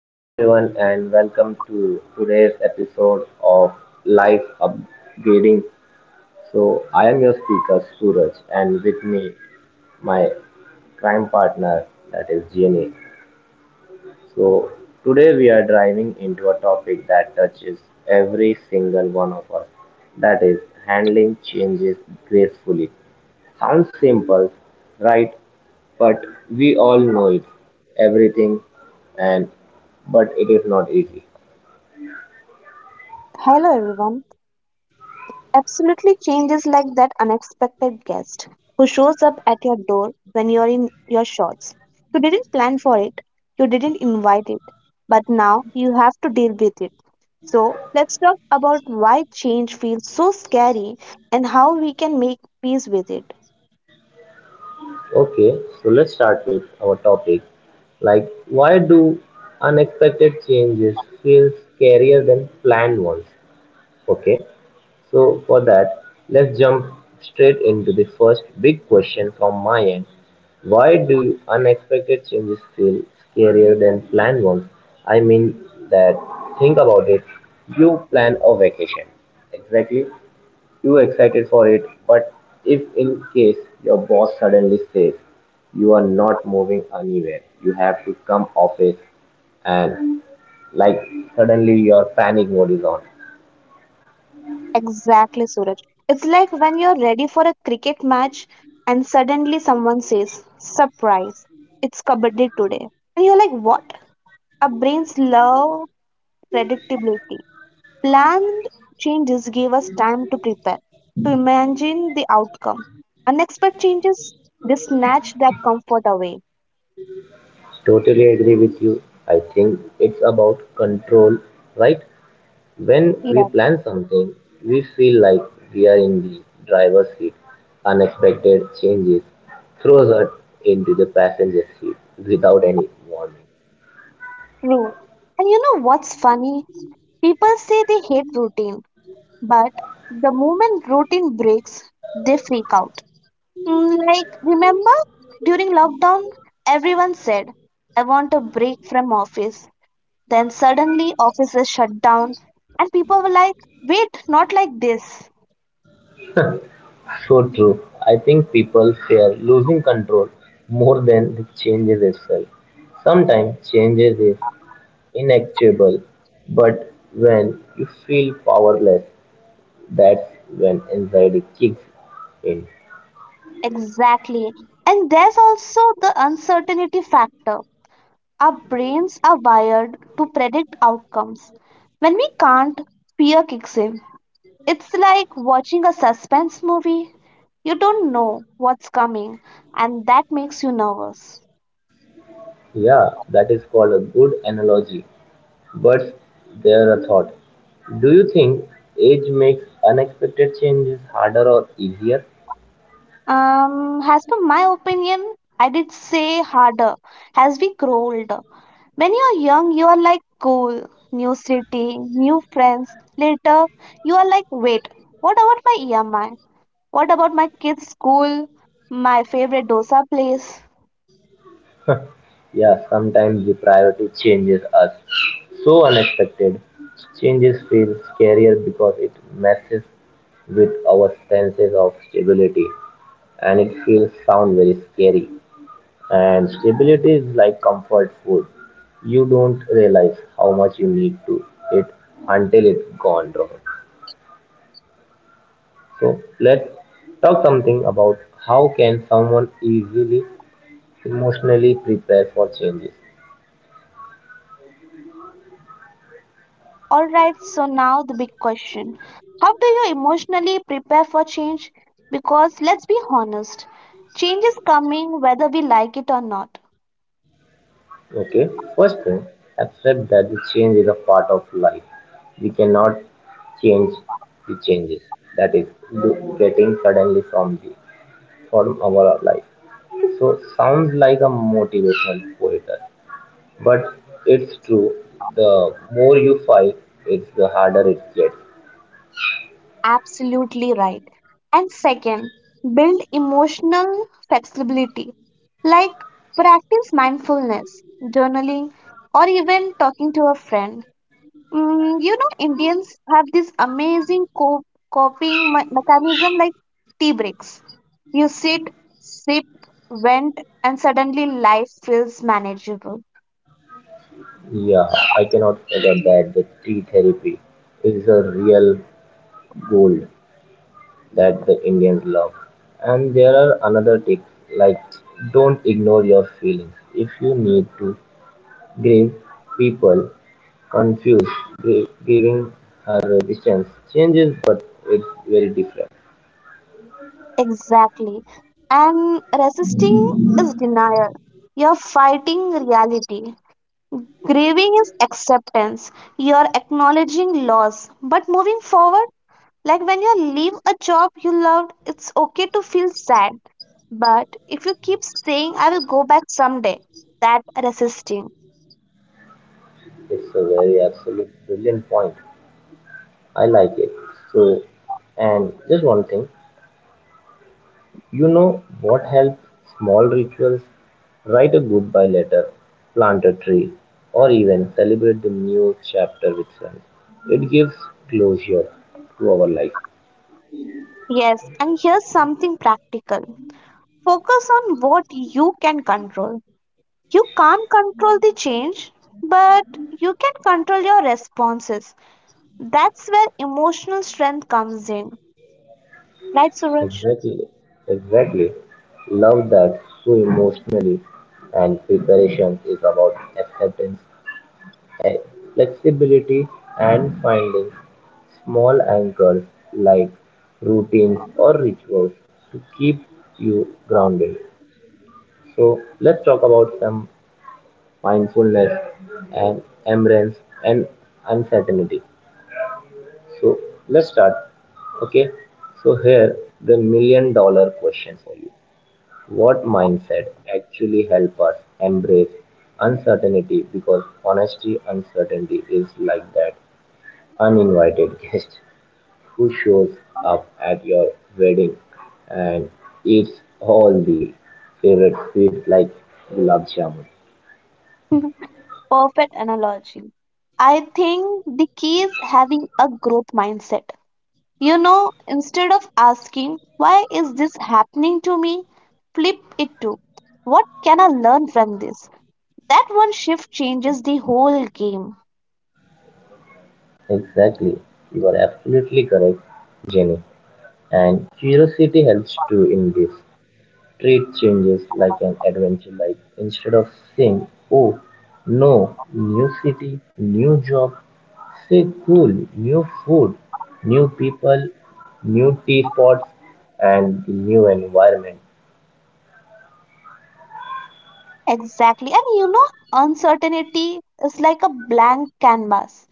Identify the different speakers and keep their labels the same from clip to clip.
Speaker 1: Hello, everyone, and welcome to today's episode of Life Upgrading. I am your speaker, Suraj, and with me, my crime partner, that is Jenny. So, Today we are driving into a topic that touches every single one of us, that is, handling changes gracefully. Sounds simple, right? But we all know it, everything, and but it is not easy.
Speaker 2: Hello everyone. Absolutely changes like that unexpected guest who shows up at your door when you're in your shorts. You didn't plan for it, you didn't invite it, but now you have to deal with it. So, let's talk about why change feels so scary and how we can make peace with it.
Speaker 1: Okay, so let's start with our topic. Like, why do unexpected changes feel scarier than planned ones? Okay, so for that, let's jump straight into the first big question from my end. Why do unexpected changes feel scarier than planned ones? I mean, that think about it. You plan a vacation, exactly, you excited for it, but if in case your boss suddenly says you are not moving anywhere, you have to come office and, like, suddenly your panic mode is on.
Speaker 2: Exactly, Suraj. It's like when you're ready for a cricket match and suddenly someone says, Surprise, it's kabaddi today. And you're like, What? Our brains love predictability. Planned changes gave us time to prepare, to imagine the outcome. Unexpected changes, they snatched that comfort away.
Speaker 1: Totally agree with you. I think it's about control, right? When we
Speaker 2: Yeah,
Speaker 1: plan something, we feel like we are in the driver's seat. Unexpected changes throws us into the passenger seat without any warning.
Speaker 2: true. And you know what's funny? People say they hate routine, but the moment routine breaks, they freak out. Like, remember during lockdown, everyone said, I want a break from office. Then suddenly, offices shut down, and people were like, wait, not like this.
Speaker 1: So true. I think people fear losing control more than the changes itself. Sometimes changes is inevitable, but when you feel powerless, that's when anxiety kicks in.
Speaker 2: Exactly. And there's also the uncertainty factor. Our brains are wired to predict outcomes. When we can't, fear kicks in. It's like watching a suspense movie. You don't know what's coming, and that makes you nervous.
Speaker 1: Yeah, that is called a good analogy. But there a thought. Do you think age makes unexpected changes harder or easier?
Speaker 2: As per my opinion, I did say harder as we grow older. When you're young, you are like cool, new city, new friends. Later, you are like, wait, what about my EMI? What about my kids' school? My favorite dosa place?
Speaker 1: Yeah, sometimes the priority changes us. So unexpected. Changes feel scarier because it messes with our senses of stability and it feels sound very scary. And stability is like comfort food. You don't realize how much you need to it until it's gone wrong. So let's talk something about how can someone easily emotionally prepare for changes.
Speaker 2: Alright, so now the big question. How do you emotionally prepare for change? Because let's be honest, change is coming whether we like it or not.
Speaker 1: Okay, first thing, accept that the change is a part of life. We cannot change the changes, that is, getting suddenly from the from our life. So sounds like a motivational poetry, but it's true. The more you fight, it's the harder it gets.
Speaker 2: Absolutely right. And second, build emotional flexibility like practice mindfulness, journaling, or even talking to a friend. You know, Indians have this amazing coping mechanism like tea breaks. You sit, sip, vent, and suddenly life feels manageable.
Speaker 1: Yeah, I cannot forget that the tree therapy is a real gold that the Indians love. And there are another tips, like don't ignore your feelings. If you need to grieve, people confuse grieving her resistance changes, but it's very different.
Speaker 2: Exactly. And resisting is denial. You're fighting reality. Grieving is acceptance. You're acknowledging loss, but moving forward. Like when you leave a job you loved, it's okay to feel sad. But if you keep saying, I will go back someday, that resisting.
Speaker 1: It's a very absolute brilliant point. I like it. So, and just one thing, you know what helps? Small rituals. Write a goodbye letter, plant a tree, or even celebrate the new chapter with friends. It gives closure to our life.
Speaker 2: Yes, and here's something practical focus on what you can control. You can't control the change, but you can control your responses. That's where emotional strength comes in. Right, Suraj?
Speaker 1: Exactly, exactly. Love that, so emotionally, and preparation is about acceptance, eh, flexibility, and finding small anchors like routines or rituals to keep you grounded. So let's talk about some mindfulness and embrace and uncertainty. So let's start. Okay. So here the million dollar question for you. What mindset actually help us embrace uncertainty, because honestly, uncertainty is like that uninvited guest who shows up at your wedding and eats all the favorite sweets like gulab jamun.
Speaker 2: Perfect analogy. I think the key is having a growth mindset. You know, instead of asking, why is this happening to me? Flip it to, what can I learn from this? That one shift changes the whole game.
Speaker 1: Exactly, you are absolutely correct, Jenny. And curiosity helps too in this. Treat changes like an adventure, like instead of saying, oh no, new city, new job, say cool, new food, new people, new tea spots and the new environment.
Speaker 2: Exactly. And you know, uncertainty is like a blank canvas.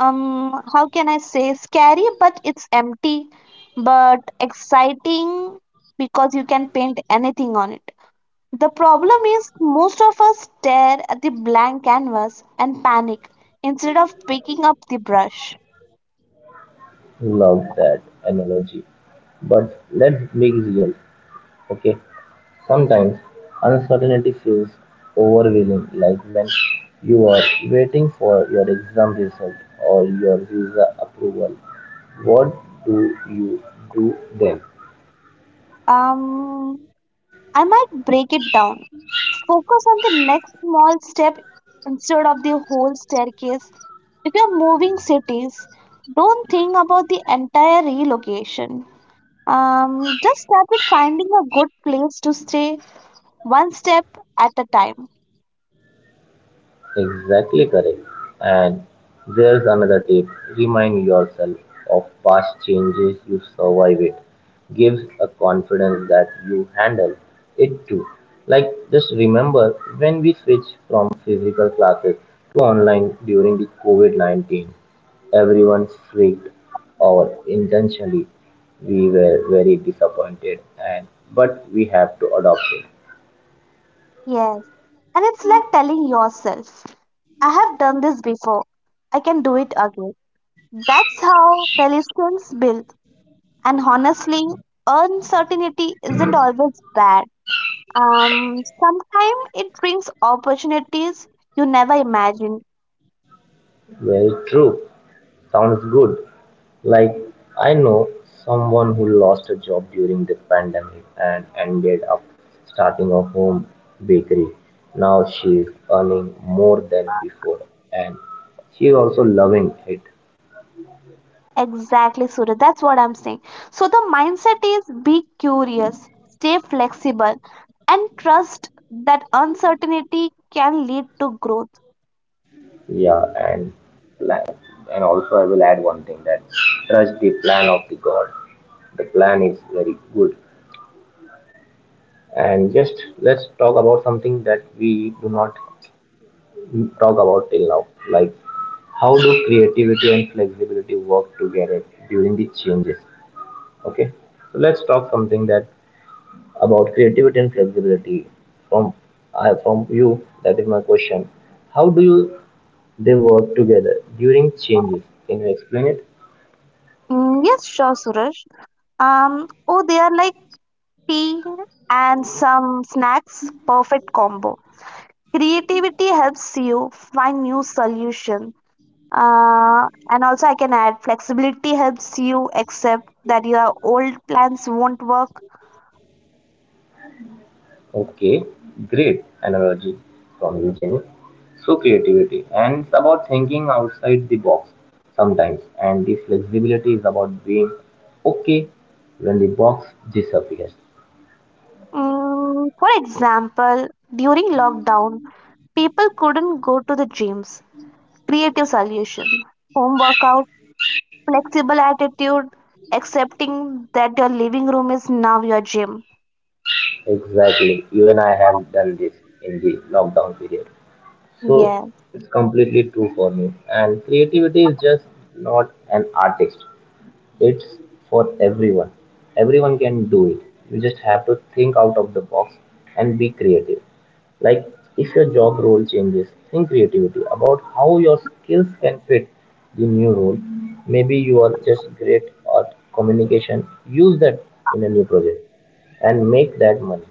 Speaker 2: How can I say scary, but it's empty, but exciting because you can paint anything on it. The problem is, most of us stare at the blank canvas and panic instead of picking up the brush.
Speaker 1: Love that analogy. But let's be real, okay? Sometimes uncertainty feels overwhelming, like when you are waiting for your exam result or your visa approval. What do you do then?
Speaker 2: Um, I might break it down. Focus on the next small step instead of the whole staircase. If you're moving cities, don't think about the entire relocation. Just start with finding a good place to stay one step at a time.
Speaker 1: Exactly correct. And there's another tip, remind yourself of past changes you survive it. Gives a confidence that you handle it too. Like, just remember when we switched from physical classes to online during the COVID -19, everyone freaked, or intentionally we were very disappointed and but we have to adopt it.
Speaker 2: Yes. And it's like telling yourself, I have done this before. I can do it again. That's how relations build. And honestly, uncertainty isn't always bad. Sometimes it brings opportunities you never imagined.
Speaker 1: Very true, sounds good. Like, I know someone who lost a job during the pandemic and ended up starting a home bakery. Now she is earning more than before and she is also loving it.
Speaker 2: Exactly, Surya. That's what I'm saying. So the mindset is be curious, stay flexible, and trust that uncertainty can lead to growth.
Speaker 1: Yeah, and plan. And also, I will add one thing that trust the plan of the God. The plan is very good. And just let's talk about something that we do not talk about till now, like how do creativity and flexibility work together during the changes. Okay, so let's talk something that about creativity and flexibility from I from you, that is my question. How do you they work together during changes? Can you explain it?
Speaker 2: Yes, sure, Suraj. Oh, they are like tea and some snacks. Perfect combo. Creativity helps you find new solution. And also I can add flexibility helps you accept that your old plans won't work.
Speaker 1: Okay, great analogy from you, Jenny. So creativity and it's about thinking outside the box sometimes and the flexibility is about being okay when the box disappears.
Speaker 2: For example, during lockdown, people couldn't go to the gyms. Creative solution. Home workout, flexible attitude, accepting that your living room is now your gym.
Speaker 1: Exactly. Even I have done this in the lockdown period. So
Speaker 2: Yes.
Speaker 1: it's completely true for me. And creativity is just not an artist, it's for everyone. Everyone can do it. You just have to think out of the box and be creative. Like if your job role changes, think creativity about how your skills can fit the new role. Maybe you are just great at communication. Use that in a new project and make that money.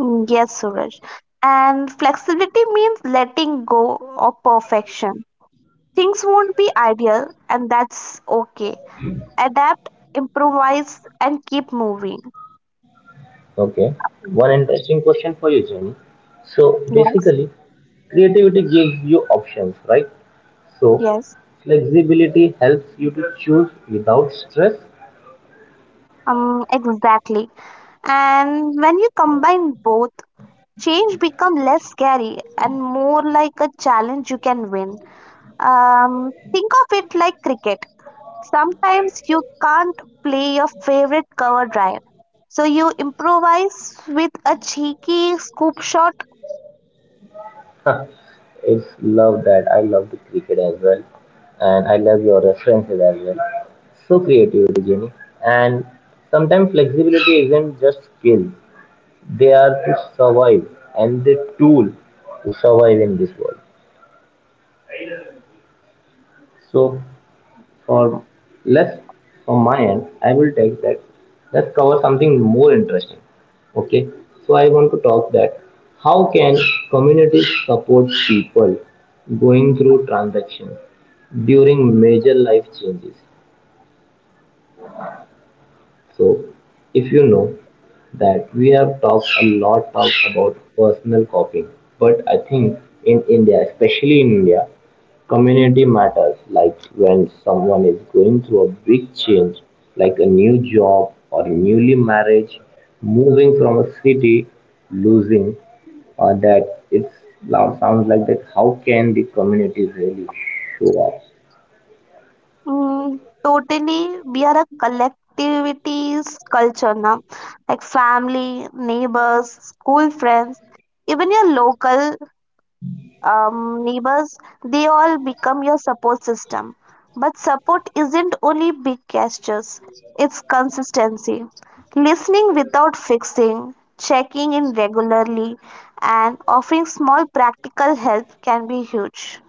Speaker 2: Yes, Suraj. And flexibility means letting go of perfection. Things won't be ideal, and that's okay. Adapt, improvise, and keep moving.
Speaker 1: Okay. One interesting question for you, Jenny. So
Speaker 2: Yes,
Speaker 1: basically, creativity gives you options, right? So
Speaker 2: yes,
Speaker 1: flexibility helps you to choose without stress.
Speaker 2: exactly. And when you combine both, change become less scary and more like a challenge you can win. Think of it like cricket. Sometimes you can't play your favorite cover drive, so you improvise with a cheeky scoop shot.
Speaker 1: It's love that. I love the cricket as well, and I love your references as well. So creativity, Jenny, and sometimes flexibility isn't just skill; they are to survive and the tool to survive in this world. So for less, from my end I will take that. Let's cover something more interesting. Okay, so I want to talk that how can communities support people going through transactions during major life changes. So if you know that we have talked a lot of about personal copying, but I think in India, especially in India, community matters, like when someone is going through a big change, like a new job or a newly marriage, moving from a city, losing that. It sounds like that. How can the community really show up?
Speaker 2: Totally, we are a collectivities culture now, like family, neighbors, school friends, even your local neighbors, they all become your support system. But support isn't only big gestures, it's consistency. Listening without fixing, checking in regularly, and offering small practical help can be huge.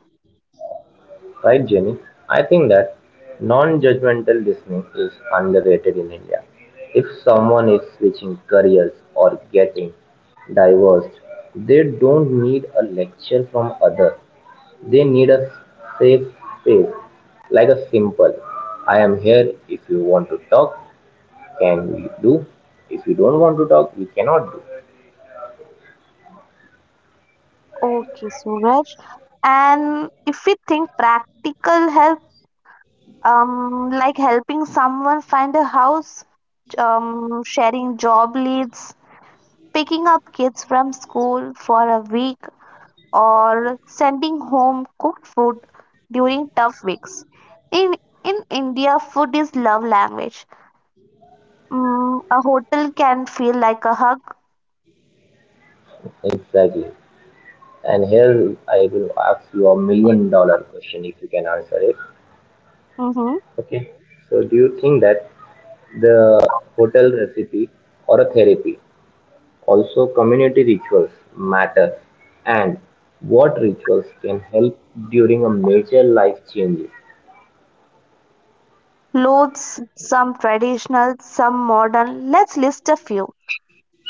Speaker 1: Right, Jenny? I think that non judgmental listening is underrated in India. If someone is switching careers or getting divorced, they don't need a lecture from others. They need a safe space, like a simple "I am here if you want to talk, can we do? If you don't want to talk, we cannot do."
Speaker 2: Okay, Suraj. And if we think practical help, like helping someone find a house, sharing job leads, picking up kids from school for a week or sending home cooked food during tough weeks. In in India, food is love language. A hotel can feel like a hug.
Speaker 1: Exactly. And here I will ask you a million dollar question if you can answer it.
Speaker 2: Hmm.
Speaker 1: Okay. So do you think that the hotel recipe or a therapy, also community rituals matter? And what rituals can help during a major life changes?
Speaker 2: Clothes, some traditional, some modern. Let's list a few.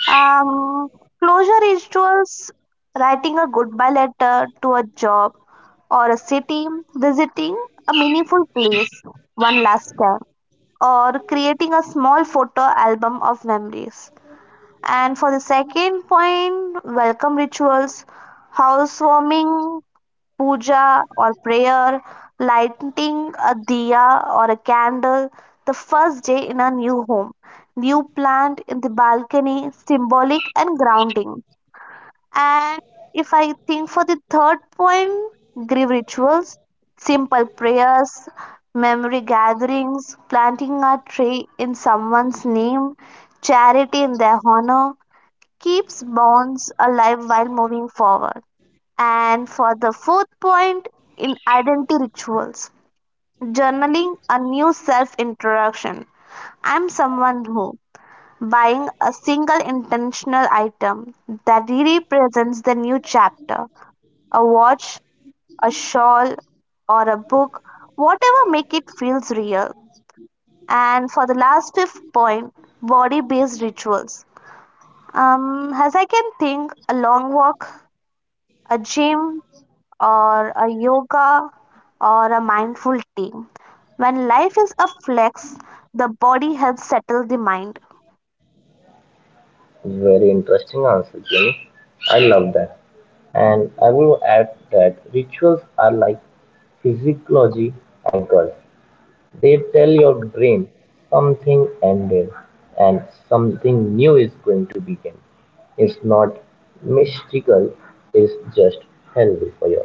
Speaker 2: Um, Closure rituals, writing a goodbye letter to a job or a city, visiting a meaningful place one last time, or creating a small photo album of memories. And for the second point, welcome rituals, housewarming, puja or prayer, lighting a diya or a candle, the first day in a new home, new plant in the balcony, symbolic and grounding. And if I think for the third point, grief rituals, simple prayers, memory gatherings, planting a tree in someone's name, charity in their honor keeps bonds alive while moving forward. And for the fourth point, in identity rituals, journaling a new self introduction. I'm someone who buying a single intentional item that represents the new chapter, a watch, a shawl, or a book, whatever make it feels real. And for the last fifth point, body based rituals. As I can think, a long walk, a gym, or a yoga or a mindful tea. When life is a flex, the body helps settle the mind.
Speaker 1: Very interesting answer, Jimmy. I love that. And I will add that rituals are like physiology anchors. They tell your brain something ended and something new is going to begin. It's not mystical, it's just healthy for you.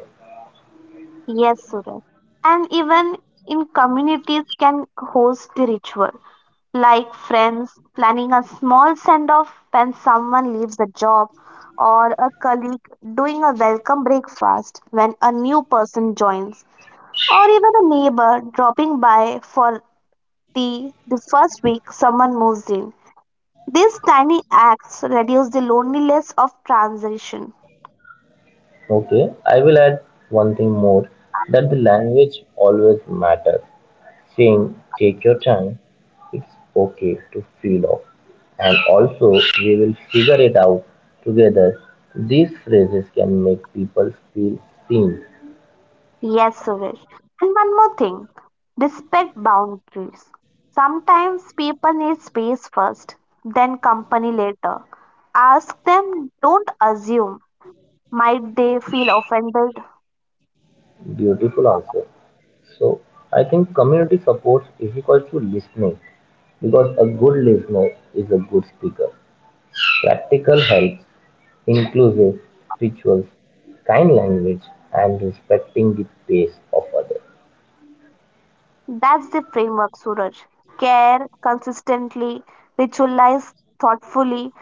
Speaker 2: Yes, Suraj. And even in communities can host the ritual, like friends planning a small send off when someone leaves a job, or a colleague doing a welcome breakfast when a new person joins, or even a neighbor dropping by for tea the first week someone moves in. These tiny acts reduce the loneliness of transition.
Speaker 1: Okay, I will add one thing more, that the language always matters. Saying take your time, it's okay to feel off, and also we will figure it out together. These phrases can make people feel seen.
Speaker 2: Yes, Suresh. And one more thing, respect boundaries. Sometimes people need space first, then company later. Ask them, don't assume. Might they feel offended?
Speaker 1: Beautiful answer. So I think community support is equal to listening, because a good listener is a good speaker. Practical helps, inclusive rituals, kind language, and respecting the pace of others.
Speaker 2: That's the framework, Suraj. Care consistently, ritualize thoughtfully,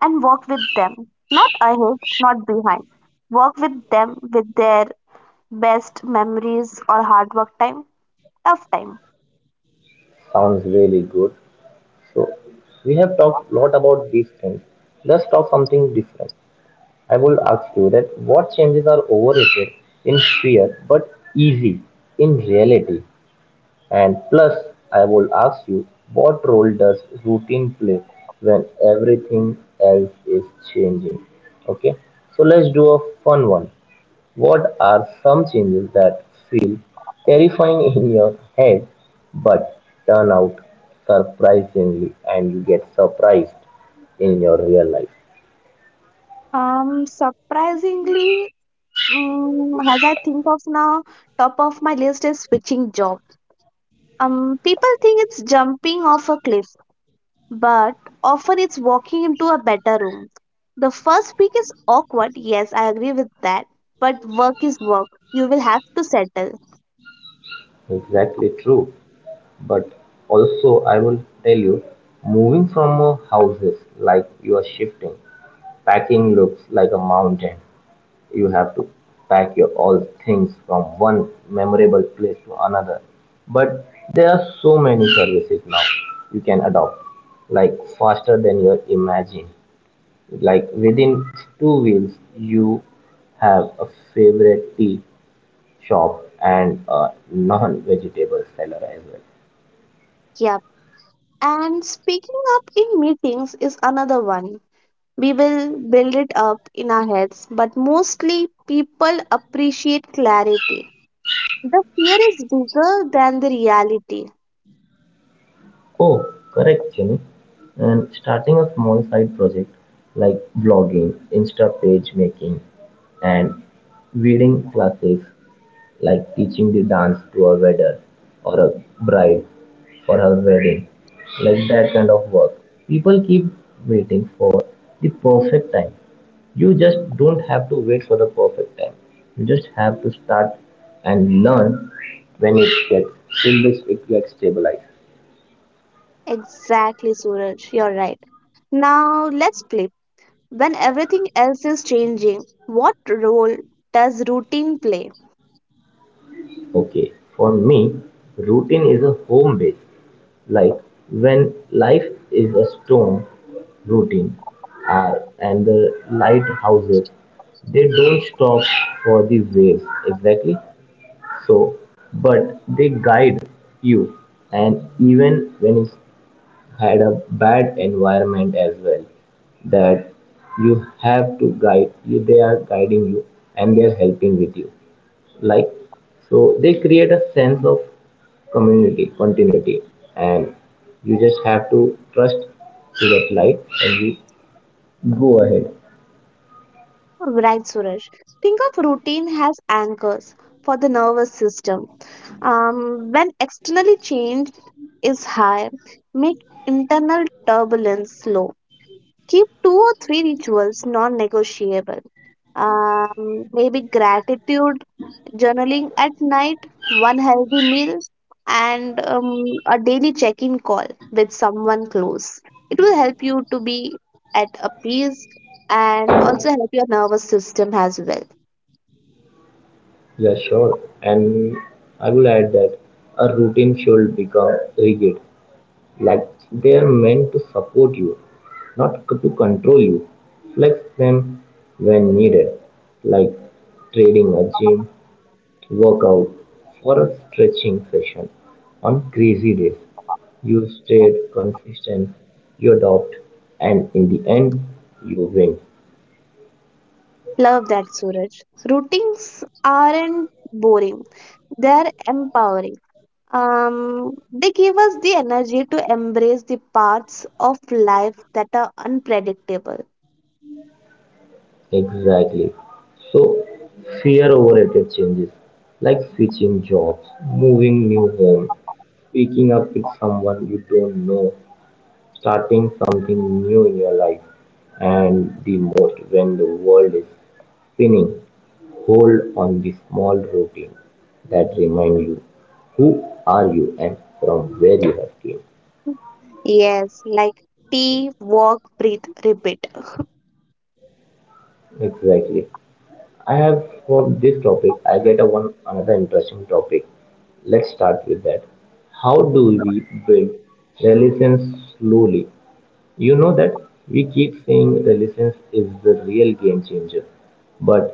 Speaker 2: and work with them. Not ahead, not behind. Work with them with their best memories or hard work time? Tough time.
Speaker 1: Sounds really good. So, we have talked a lot about these things. Let's talk something different. I will ask you that what changes are overrated in fear but easy in reality? And plus, I will ask you what role does routine play when everything else is changing? Okay, so let's do a fun one. What are some changes that feel terrifying in your head but turn out surprisingly and you get surprised in your real life?
Speaker 2: Surprisingly, as I think of now, top of my list is switching job. People think it's jumping off a cliff, but often it's walking into a better room. The first week is awkward, yes, I agree with that, but work is work. You will have to settle.
Speaker 1: Exactly true. But also, I will tell you, moving from a houses like you are shifting, packing looks like a mountain. You have to pack your all things from one memorable place to another. But there are so many services now you can adopt, like faster than your imagine. Like within two wheels, you have a favorite tea shop and a non-vegetable seller as well.
Speaker 2: Yep. And speaking up in meetings is another one. We will build it up in our heads, but mostly people appreciate clarity. The fear is bigger than the reality.
Speaker 1: Oh, correct, Jimmy. And starting a small side project like vlogging, Insta page making, and reading classes like teaching the dance to a waiter or a bride for her wedding, like that kind of work. People keep waiting for the perfect time. You just don't have to wait for the perfect time. You just have to start and learn when it gets till this it gets stabilized.
Speaker 2: Exactly, Suraj, you're right. Now let's flip. When everything else is changing, what role does routine play?
Speaker 1: Okay, for me, routine is a home base. Like when life is a storm, routine uh, and the lighthouses, they don't stop for the waves, exactly. So but they guide you, and even when it's had a bad environment as well, that you have to guide you, they are guiding you and they are helping with you, like, so they create a sense of community, continuity. And you just have to trust to that light and you go ahead.
Speaker 2: Right, Suraj. Think of routine as anchors for the nervous system. When externally change is high, make internal turbulence low. Keep two or three rituals non negotiable. Maybe gratitude journaling at night, one healthy meal, and a daily check in call with someone close. It will help you to be at a peace and also help your nervous system as well.
Speaker 1: Yeah, sure. And I will add that a routine should become rigid, like they are meant to support you, not to control you. Flex them when needed, like trading a gym workout for a stretching session on crazy days. You stayed consistent, you adopt, and in the end, you win.
Speaker 2: Love that, Suraj. Routines aren't boring, they're empowering. They give us the energy to embrace the parts of life that are unpredictable.
Speaker 1: Exactly. So fear overrated changes, like switching jobs, moving new home, speaking up with someone you don't know, starting something new in your life, and the most when the world is spinning. Hold on the small routine that remind you who are you and from where you have came.
Speaker 2: Yes, like tea, walk, breathe, repeat.
Speaker 1: Exactly. I have for this topic, I get a one another interesting topic. Let's start with that. How do we build resilience slowly? You know that we keep saying resilience is the real game changer, but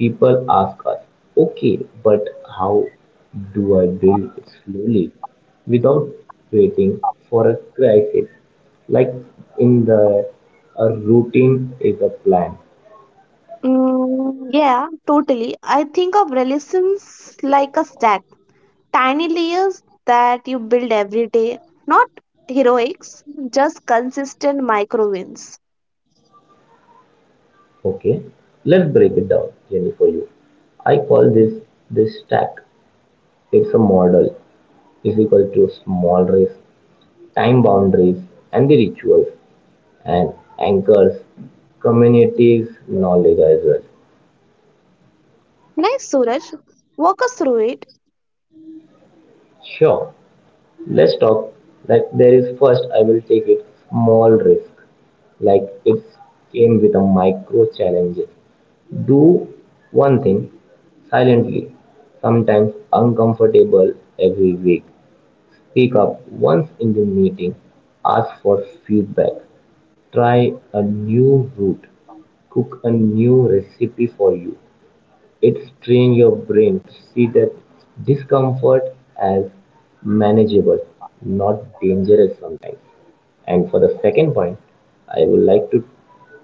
Speaker 1: people ask us, okay, but how do I build it slowly without waiting for a crisis? Like in the a routine is a plan.
Speaker 2: Yeah, totally. I think of relations like a stack, tiny layers that you build every day, not heroics, just consistent micro wins.
Speaker 1: Okay, let's break it down, Jenny, for you. I call this this stack. It's a model, is equal to small risk, time boundaries, and the rituals and anchors, communities, knowledge as well.
Speaker 2: Nice, Suraj. Walk us through it.
Speaker 1: Sure, let's talk. Like there is first, I will take it small risk. Like it came with a micro challenges. Do one thing silently, sometimes uncomfortable, every week. Speak up once in the meeting, ask for feedback, try a new route, cook a new recipe for you. It strains your brain to see that discomfort as manageable, not dangerous sometimes. And for the second point, I would like to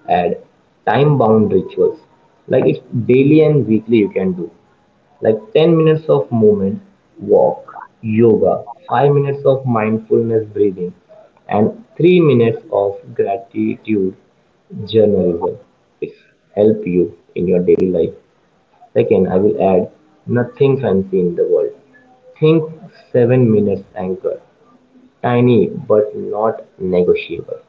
Speaker 1: add time bound rituals, like it's daily and weekly you can do, like 10 minutes of movement, walk, yoga, 5 minutes of mindfulness breathing, and 3 minutes of gratitude journalism. It's help you in your daily life. Second, I will add nothing fancy in the world. Think 7 minutes anchor, tiny but not negotiable.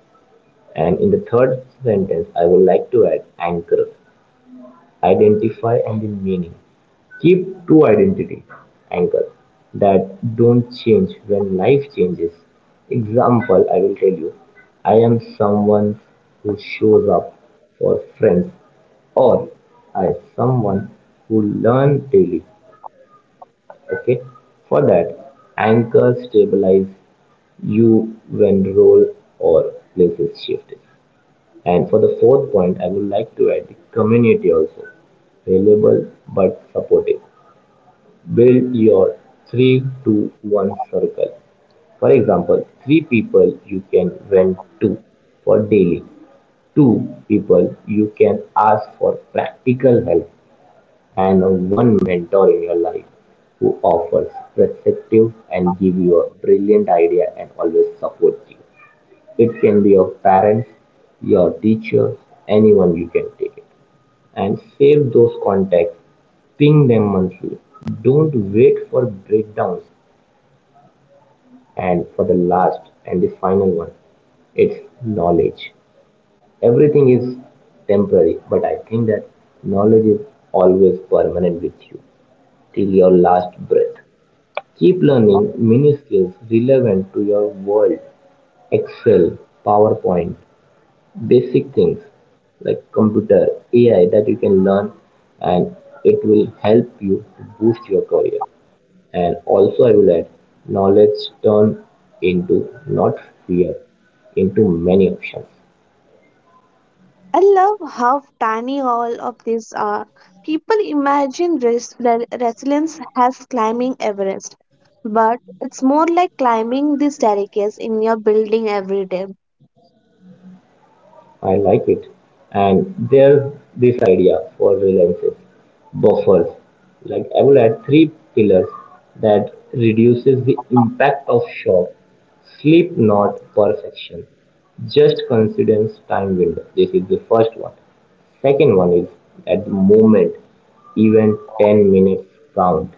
Speaker 1: And in the third sentence, I would like to add anchor, identify and the meaning. Keep two identity anchors that don't change when life changes. Example, I will tell you, I am someone who shows up for friends, or I am someone who learn daily. Okay, for that, anchor stabilize you when role or places shift. And for the fourth point, I would like to add the community also, reliable but supportive. Build your three to one circle. For example, three people you can vent to for daily, two people you can ask for practical help, and one mentor in your life who offers perspective and give you a brilliant idea and always supports you. It can be your parents, your teacher, anyone you can take it. And save those contacts, ping them monthly. Don't wait for breakdowns. And for the last and the final one, it's knowledge. Everything is temporary, but I think that knowledge is always permanent with you till your last breath. Keep learning mini skills relevant to your world: Excel, PowerPoint, basic things like computer, AI that you can learn, and it will help you to boost your career. And also, I will add knowledge turned into not fear, into many options.
Speaker 2: I love how tiny all of these are. People imagine resilience as climbing Everest, but it's more like climbing the staircase in your building every day.
Speaker 1: I like it. And there's this idea for reliances, buffers. Like I will add three pillars that reduces the impact of shock. Sleep, not perfection, just coincidence time window. This is the first one. Second one is, at the moment, even 10 minutes count.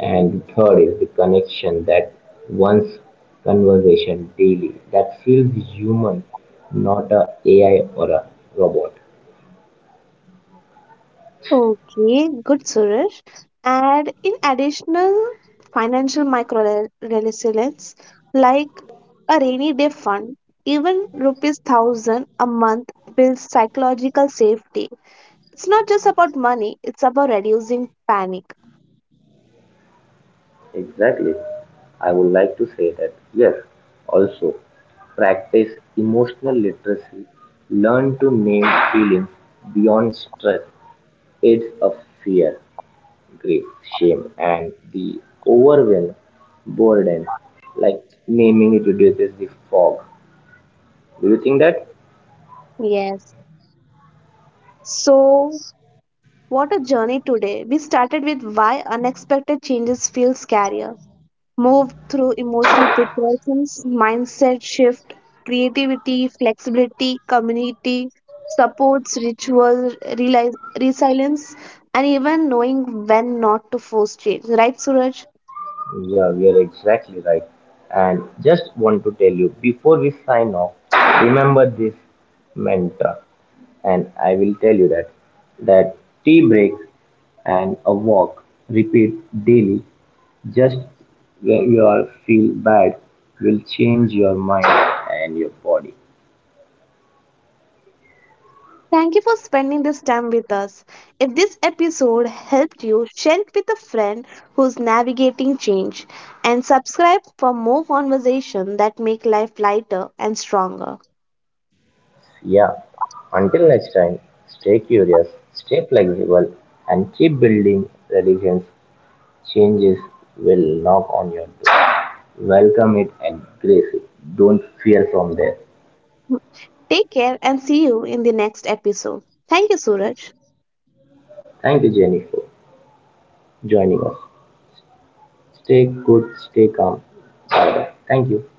Speaker 1: And third is the connection, that one's conversation daily that feels human, not a AI or a robot.
Speaker 2: Okay, good Suresh. And in additional financial micro resilience, like a rainy day fund, even rupees thousand a month builds psychological safety. It's not just about money, it's about reducing panic.
Speaker 1: Exactly. I would like to say that, yes, also practice emotional literacy, learn to name feelings beyond stress, it's a fear, grief, shame, and the overwhelm, burden, like naming it reduces the fog. Do you think that?
Speaker 2: Yes. So what a journey today. We started with why unexpected changes feel scarier. Moved through emotional preparations, mindset shift, creativity, flexibility, community, supports, rituals, realize, resilience, and even knowing when not to force change. Right, Suraj?
Speaker 1: Yeah, we are exactly right. And just want to tell you before we sign off, remember this mantra. And I will tell you that that tea break and a walk, repeat daily, just when you are feel bad, will change your mind and your body.
Speaker 2: Thank you for spending this time with us. If this episode helped you, share it with a friend who's navigating change and subscribe for more conversations that make life lighter and stronger.
Speaker 1: Yeah. Until next time, stay curious, stay flexible, and keep building resilience. Changes will knock on your door. Welcome it and grace it. Don't fear from there.
Speaker 2: Take care and see you in the next episode. Thank you, Suraj.
Speaker 1: Thank you, Jenny, for joining us. Stay good, stay calm. Bye bye. Thank you.